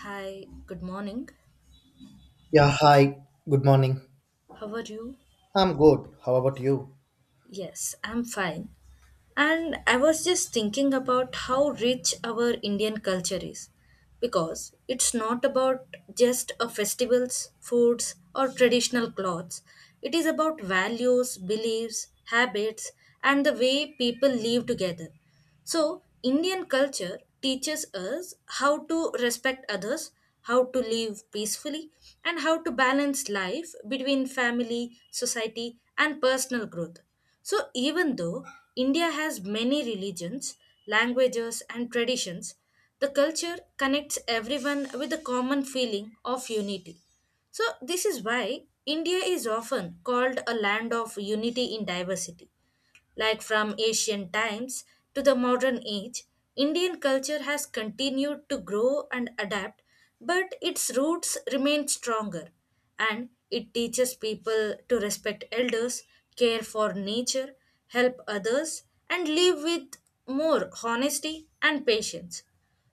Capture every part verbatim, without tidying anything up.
Hi, good morning. Yeah, hi. Good morning. How are you? I'm good. How about you? Yes, I'm fine. And I was just thinking about how rich our Indian culture is because it's not about just a festivals, foods or traditional clothes. It is about values, beliefs, habits and the way people live together. So, Indian culture teaches us how to respect others, how to live peacefully, and how to balance life between family, society, and personal growth. So, even though India has many religions, languages, and traditions, the culture connects everyone with a common feeling of unity. So, this is why India is often called a land of unity in diversity. Like from ancient times to the modern age, Indian culture has continued to grow and adapt, but its roots remain stronger. And it teaches people to respect elders, care for nature, help others, and live with more honesty and patience.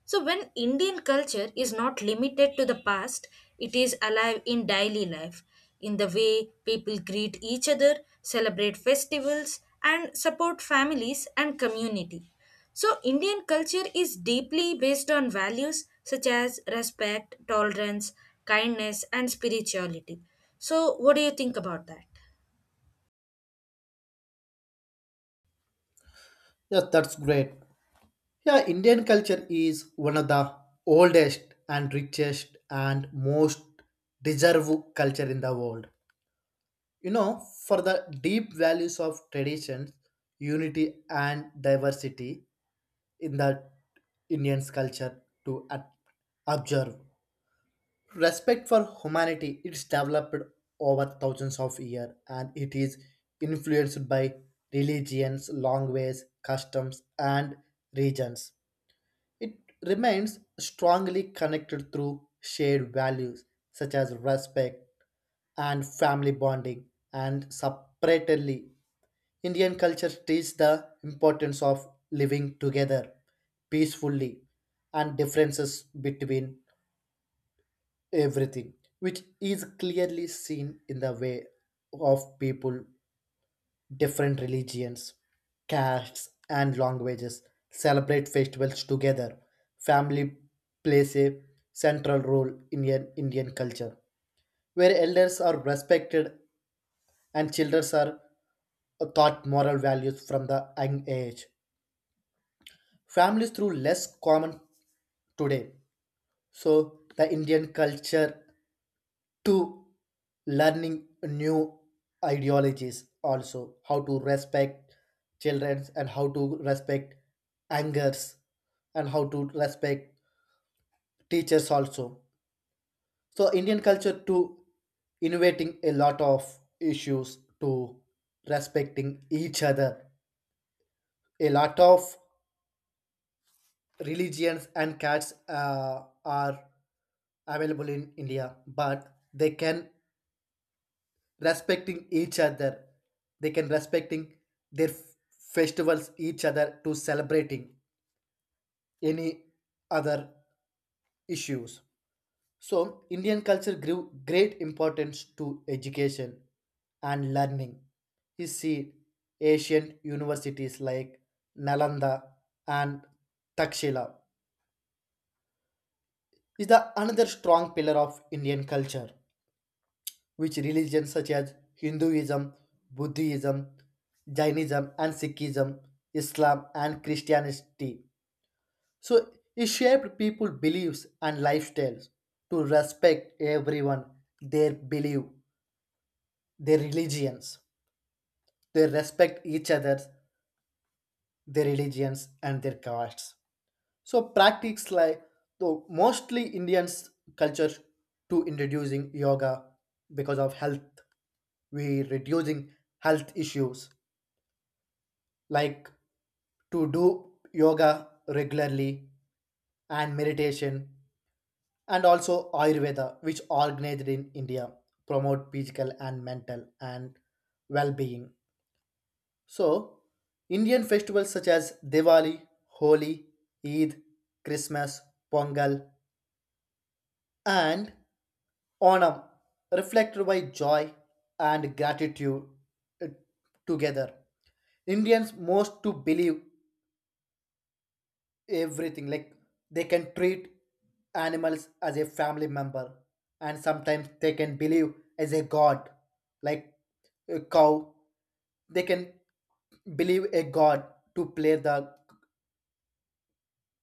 So, when Indian culture is not limited to the past, it is alive in daily life, in the way people greet each other, celebrate festivals, and support families and community. So, Indian culture is deeply based on values such as respect, tolerance, kindness, and spirituality. So, what do you think about that? Yes, that's great. Yeah, Indian culture is one of the oldest and richest and most deserved culture in the world. You know, for the deep values of traditions, unity and diversity in the Indian's culture to ad- observe. Respect for humanity, it's developed over thousands of years, and it is influenced by religions, languages, customs and regions. It remains strongly connected through shared values such as respect and family bonding, and separately Indian culture teaches the importance of living together peacefully and differences between everything, which is clearly seen in the way of people, different religions, castes, and languages celebrate festivals together. Family plays a central role in an Indian culture, where elders are respected and children are taught moral values from the young age. Families through less common today. So the Indian culture to learning new ideologies, also how to respect childrens and how to respect angers and how to respect teachers also. So Indian culture to innovating a lot of issues to respecting each other. A lot of religions and cats uh, are available in India, but they can respecting each other, they can respecting their f- festivals each other, to celebrating any other issues. So Indian culture grew great importance to education and learning. You see ancient universities like Nalanda and Takshila is the another strong pillar of Indian culture, which religions such as Hinduism, Buddhism, Jainism, and Sikhism, Islam, and Christianity. So it shaped people's beliefs and lifestyles to respect everyone, their belief, their religions. They respect each other, their religions, and their castes. So practice like though mostly Indians culture to introducing yoga because of health. We reducing health issues like to do yoga regularly and meditation, and also ayurveda which organized in India promote physical and mental and well-being. So Indian festivals such as Diwali, Holi, Eid, Christmas, Pongal, and Onam reflected by joy and gratitude, uh, together. Indians most to believe everything, like they can treat animals as a family member, and sometimes they can believe as a god, like a cow, they can believe a god, to play the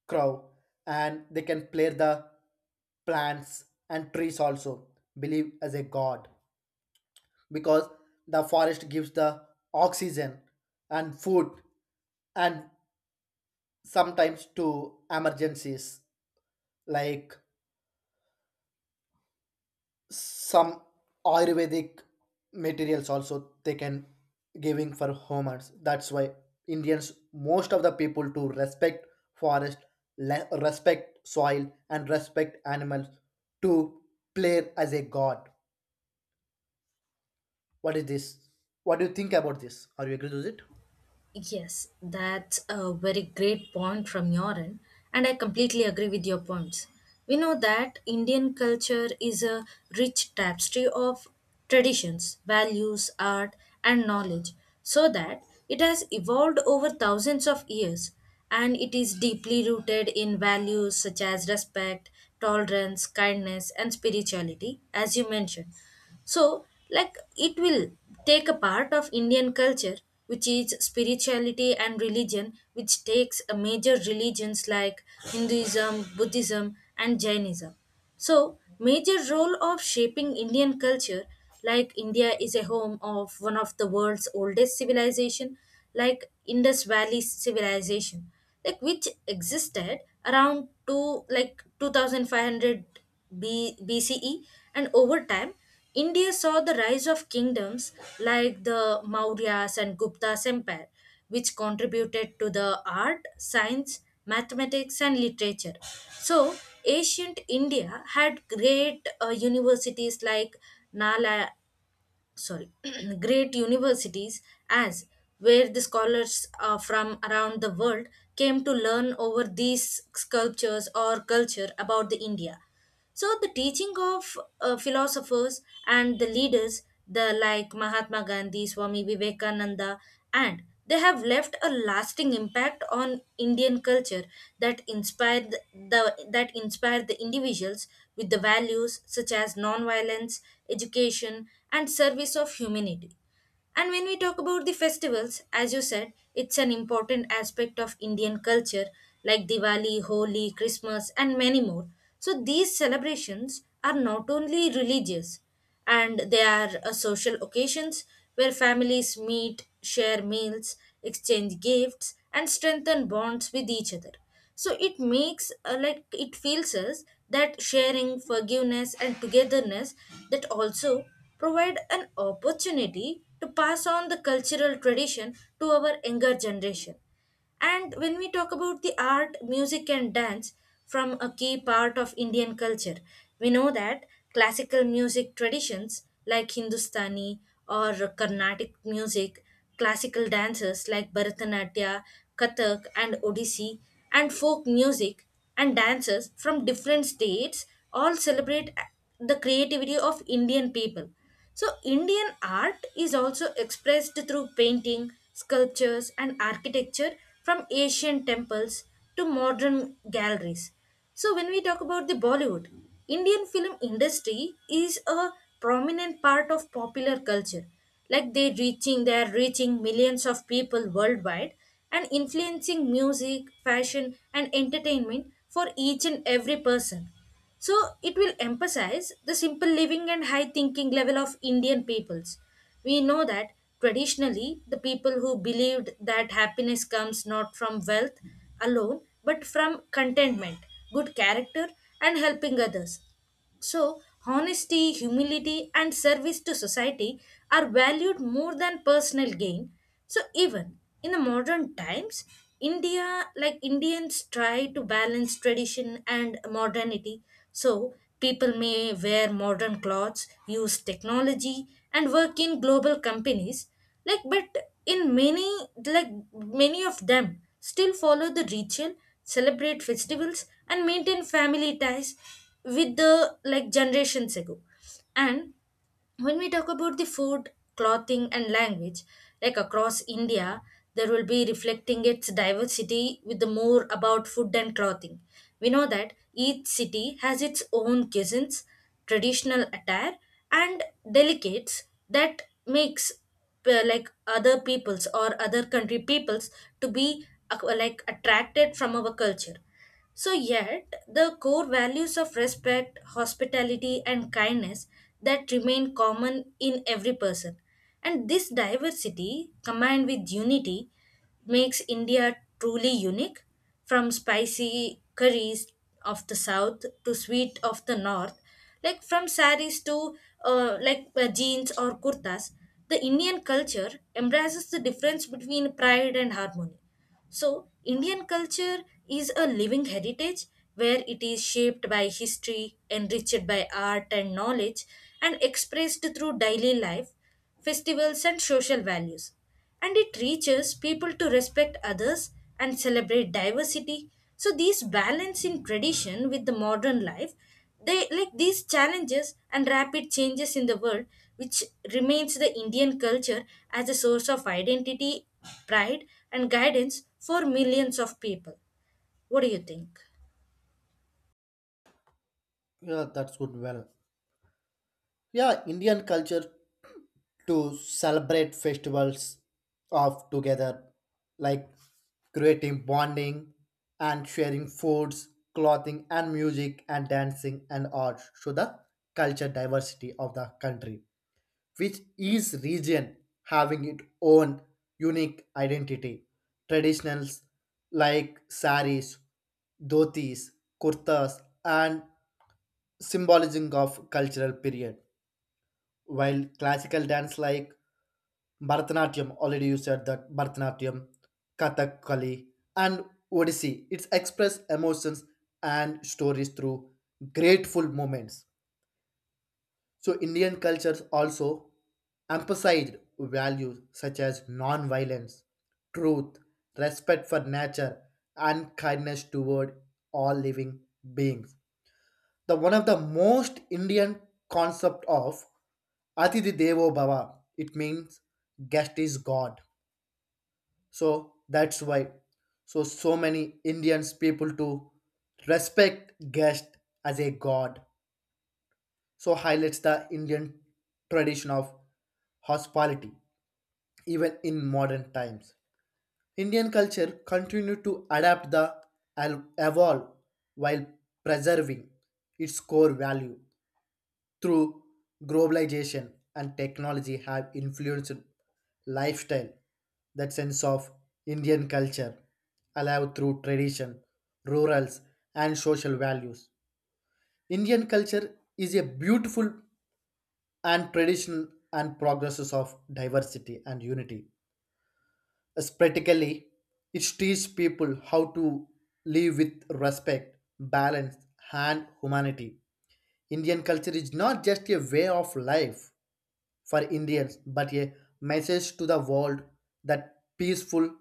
crow, and they can play the plants and trees also believe as a god, because the forest gives the oxygen and food, and sometimes to emergencies like some ayurvedic materials also they can giving for homers. That's why Indians most of the people to respect forest, le- respect soil and respect animals to play as a god. What is this? What do you think about this? Are you agree with it? Yes, that's a very great point from your end, and I completely agree with your points. We know that Indian culture is a rich tapestry of traditions, values, art, and knowledge, so that it has evolved over thousands of years and it is deeply rooted in values such as respect, tolerance, kindness, and spirituality, as you mentioned. So, like, it will take a part of Indian culture, which is spirituality and religion, which takes a major religions like Hinduism, Buddhism, and Jainism. So, major role of shaping Indian culture, like India is a home of one of the world's oldest civilization, like Indus Valley civilization, like which existed around two like two thousand five hundred B- BCE, and over time, India saw the rise of kingdoms like the Mauryas and Gupta's empire, which contributed to the art, science, mathematics, and literature. So, ancient India had great uh, universities like Nala, sorry, great universities as where the scholars uh, from around the world came to learn over these sculptures or culture about the India. So the teaching of uh, philosophers and the leaders, the like Mahatma Gandhi, Swami Vivekananda, and they have left a lasting impact on Indian culture that inspired the that inspired the individuals with the values such as non-violence, education, and service of humanity. And when we talk about the festivals, as you said, it's an important aspect of Indian culture like Diwali, Holi, Christmas, and many more. So these celebrations are not only religious and they are uh, social occasions where families meet, share meals, exchange gifts, and strengthen bonds with each other. So it makes uh, like it feels us that sharing forgiveness and togetherness that also provide an opportunity to pass on the cultural tradition to our younger generation. And when we talk about the art, music, and dance from a key part of Indian culture, we know that classical music traditions like Hindustani or Carnatic music, classical dances like Bharatanatyam, Kathak, and Odissi, and folk music and dancers from different states all celebrate the creativity of Indian people. So, Indian art is also expressed through painting, sculptures, and architecture from ancient temples to modern galleries. So when we talk about the Bollywood, Indian film industry is a prominent part of popular culture. Like they reaching they are reaching millions of people worldwide and influencing music, fashion and entertainment for each and every person. So it will emphasize the simple living and high thinking level of Indian peoples. We know that traditionally the people who believed that happiness comes not from wealth alone but from contentment, good character, and helping others. So, honesty, humility, and service to society are valued more than personal gain. So, even in the modern times, India, like Indians, try to balance tradition and modernity. So, people may wear modern clothes, use technology, and work in global companies, like but in many, like many of them still follow the ritual, celebrate festivals and maintain family ties with the like generations ago. And when we talk about the food, clothing, and language, like across India, there will be reflecting its diversity with the more about food and clothing. We know that each city has its own cuisines, traditional attire, and delicates that makes uh, like other peoples or other country peoples to be uh, like attracted from our culture. So, yet, the core values of respect, hospitality, and kindness that remain common in every person. And this diversity, combined with unity, makes India truly unique, from spicy curries of the south to sweet of the north, like from saris to uh, like uh, jeans or kurtas, the Indian culture embraces the difference between pride and harmony. So, Indian culture is a living heritage where it is shaped by history, enriched by art and knowledge, and expressed through daily life, festivals, and social values. And it teaches people to respect others and celebrate diversity. So, this balance in tradition with the modern life, they like these challenges and rapid changes in the world, which remains the Indian culture as a source of identity, pride, and guidance for millions of people. What do you think? Yeah, that's good, well. Yeah, Indian culture to celebrate festivals of together, like creating bonding and sharing foods, clothing and music and dancing and art show the culture diversity of the country, which each region having its own unique identity. Traditionals like saris, dhotis, kurtas and symbolism of cultural period, while classical dance like Bharatanatyam, already you said that, Bharatanatyam, Kathakali, and Odissi, it's express emotions and stories through grateful moments. So Indian cultures also emphasized values such as non-violence, truth, respect for nature, and kindness toward all living beings. The one of the most Indian concept of Atidhi Devo Bhava. It means guest is God. So that's why so so many Indians people to respect guest as a god. So highlights the Indian tradition of hospitality even in modern times. Indian culture continued to adapt the and evolve, while preserving its core value. Through globalization and technology have influenced lifestyle, that sense of Indian culture alive through tradition, rurals and social values. Indian culture is a beautiful and traditional and progresses of diversity and unity. As practically it teaches people how to live with respect, balance and humanity. Indian culture is not just a way of life for Indians, but a message to the world that peaceful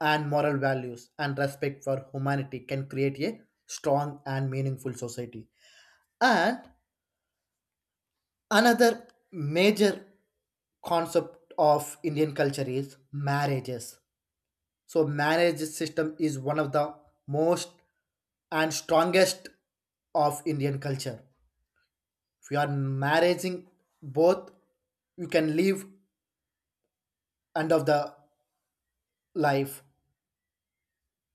and moral values and respect for humanity can create a strong and meaningful society. And another major concept of Indian culture is marriages. So marriage system is one of the most and strongest of Indian culture. If you are marrying both, you can live end of the life.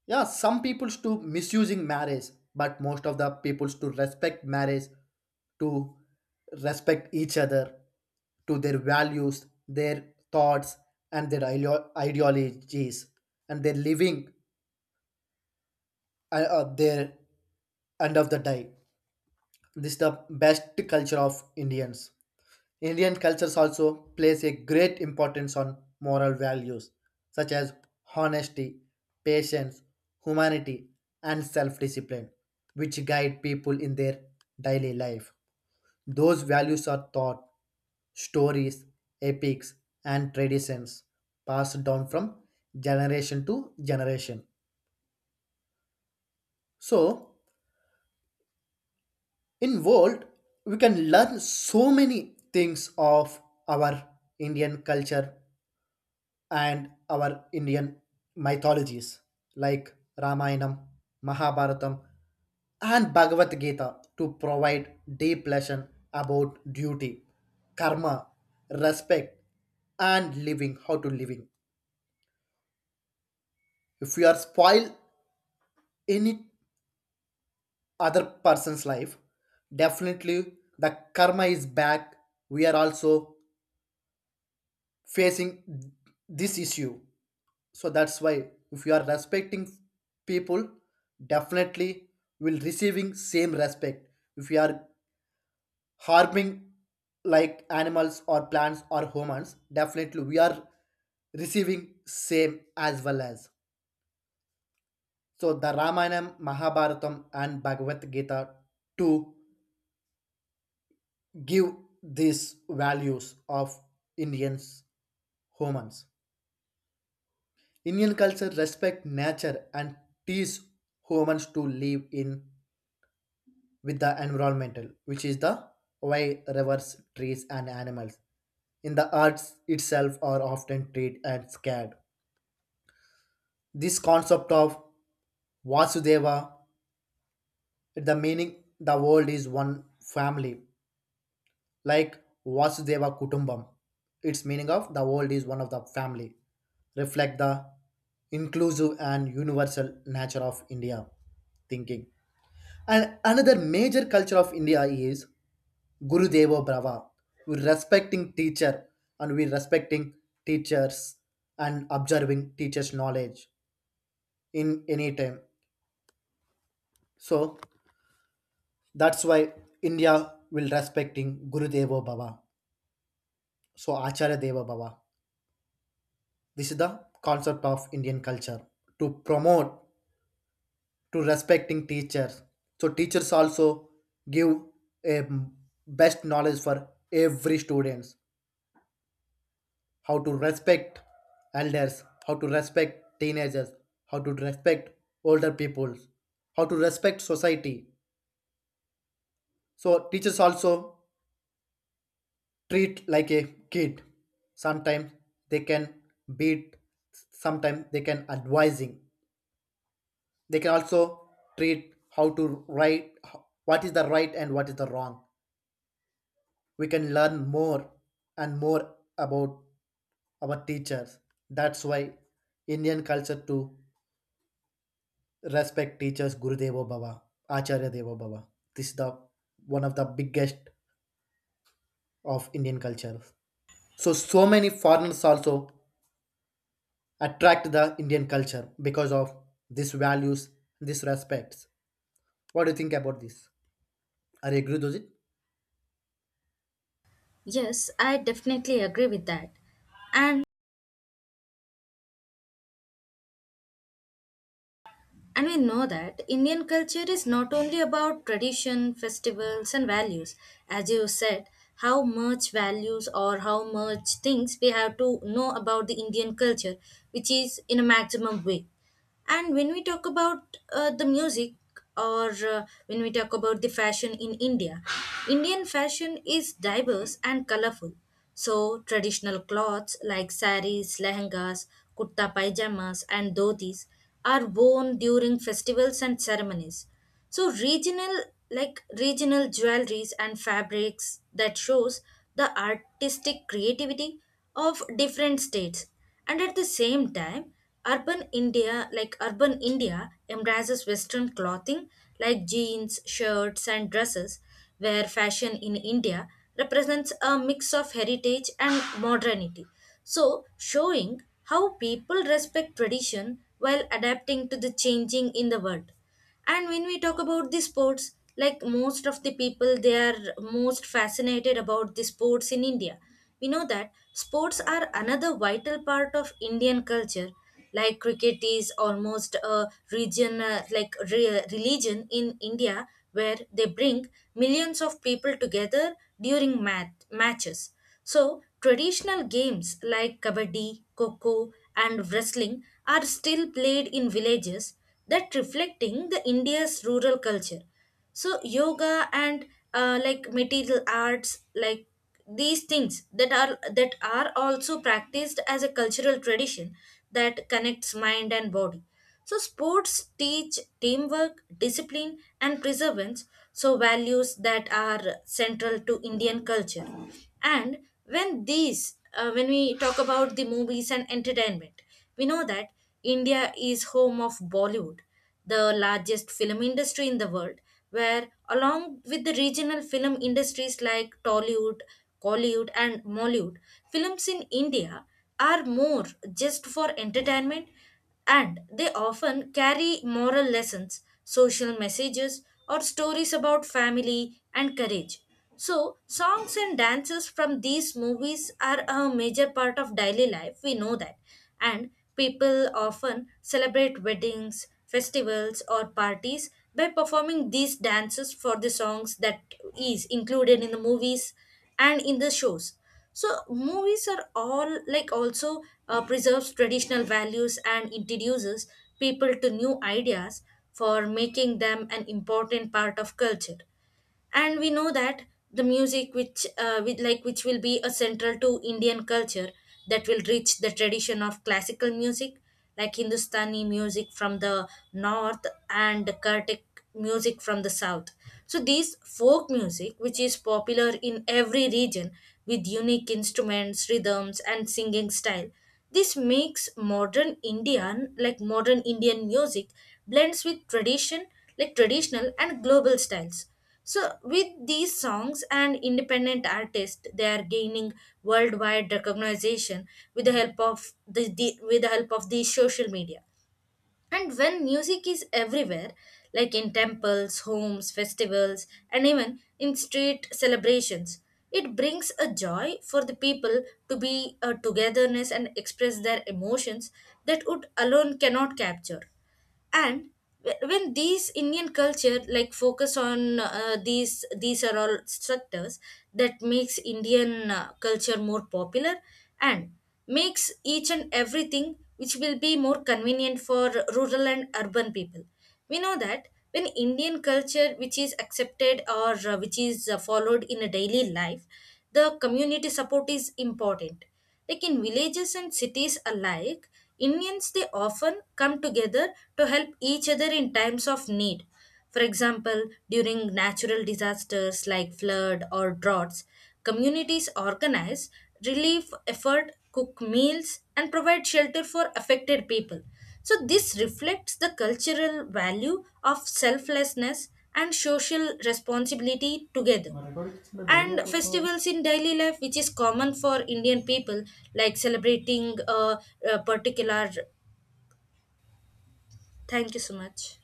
Yeah, some people's to misusing marriage, but most of the people's to respect marriage, to respect each other, to their values, their thoughts, and their ideo- ideologies, and their living uh, uh, their end of the day. This is the best culture of Indians. Indian cultures also plays a great importance on moral values such as honesty, patience, humanity, and self-discipline, which guide people in their daily life. Those values are taught stories, epics, and traditions passed down from generation to generation. So, in world, we can learn so many things of our Indian culture and our Indian mythologies like Ramayanam, Mahabharatam, and Bhagavad Gita to provide deep lesson about duty, karma, respect, and living how to living. If you are spoil any other person's life, definitely the karma is back. We are also facing this issue, so that's why if you are respecting people, definitely will receiving same respect. If you are harming like animals or plants or humans, definitely we are receiving same as well as. So the Ramayana, Mahabharatam and Bhagavad Gita to give these values of Indians humans. Indian culture respect nature and teach humans to live in with the environmental, which is the why rivers, trees, and animals in the arts itself are often treated and scared. This concept of Vasudeva, the meaning the world is one family, like Vasudeva Kutumbam. Its meaning of the world is one of the family, reflect the inclusive and universal nature of India thinking. And another major culture of India is Guru Deva Brava. We're respecting teacher and we're respecting teachers and observing teachers' knowledge in any time. So that's why India will respecting Guru Deva Bhava. So Acharya Deva Bhava. This is the concept of Indian culture to promote to respecting teachers. So teachers also give a best knowledge for every students how to respect elders, how to respect teenagers, how to respect older people, how to respect society. So teachers also treat like a kid. Sometimes they can beat, sometimes they can advising. They can also treat how to write, h- what is the right and what is the wrong. We can learn more and more about our teachers. That's why Indian culture too respect teachers, Gurudevo Bhava, Acharya Devo Bhava. This is the one of the biggest of Indian culture. So so many foreigners also attract the Indian culture because of these values, these respects. What do you think about this? Are you agree with it? Yes, I definitely agree with that. And and we know that Indian culture is not only about tradition, festivals and values. As you said, how much values or how much things we have to know about the Indian culture, which is in a maximum way. And when we talk about uh, the music or uh, when we talk about the fashion in India, Indian fashion is diverse and colorful. So, traditional clothes like saris, lehengas, kurta pajamas, and dhotis are worn during festivals and ceremonies. So, regional like regional jewelries and fabrics that shows the artistic creativity of different states. And at the same time, urban India, like urban India, embraces Western clothing like jeans, shirts, and dresses, where fashion in India represents a mix of heritage and modernity. So, showing how people respect tradition while adapting to the changing in the world. And when we talk about the sports, like most of the people, they are most fascinated about the sports in India. We know that sports are another vital part of Indian culture. Like cricket is almost a region, uh, like re- religion in India, where they bring millions of people together during mat- matches. So, traditional games like kabaddi, koko, and wrestling are still played in villages that reflecting the India's rural culture. So yoga and uh, like material arts, like these things that are that are also practiced as a cultural tradition that connects mind and body. So sports teach teamwork, discipline, and perseverance. So values that are central to Indian culture. And when these, uh, when we talk about the movies and entertainment, we know that India is home of Bollywood, the largest film industry in the world, where along with the regional film industries like Tollywood, Collywood and Mollywood, films in India are more just for entertainment, and they often carry moral lessons, social messages, or stories about family and courage. So, songs and dances from these movies are a major part of daily life, we know that. And people often celebrate weddings, festivals, or parties by performing these dances for the songs that is included in the movies and in the shows. So movies are all like also uh, preserves traditional values and introduces people to new ideas, for making them an important part of culture. And we know that the music, which uh, with like which will be a central to Indian culture, that will reach the tradition of classical music like Hindustani music from the north and Kurdic music from the south. So these folk music which is popular in every region with unique instruments, rhythms and singing style, this makes modern indian like modern indian music blends with tradition, like traditional and global styles. So, with these songs and independent artists, they are gaining worldwide recognition with the help of the, the with the help of the social media. And when music is everywhere, like in temples, homes, festivals, and even in street celebrations, it brings a joy for the people to be a togetherness and express their emotions that would alone cannot capture. And wh- when these Indian culture like focus on uh, these these are all structures that makes Indian uh, culture more popular and makes each and everything which will be more convenient for rural and urban people. We know that when Indian culture which is accepted or uh, which is uh, followed in a daily life, the community support is important. Like in villages and cities alike, Indians they often come together to help each other in times of need. For example, during natural disasters like flood or droughts, communities organize relief effort, cook meals, and provide shelter for affected people. So this reflects the cultural value of selflessness and social responsibility together. My recording is not And breaking. festivals in daily life which is common for Indian people, like celebrating a, a particular, thank you so much.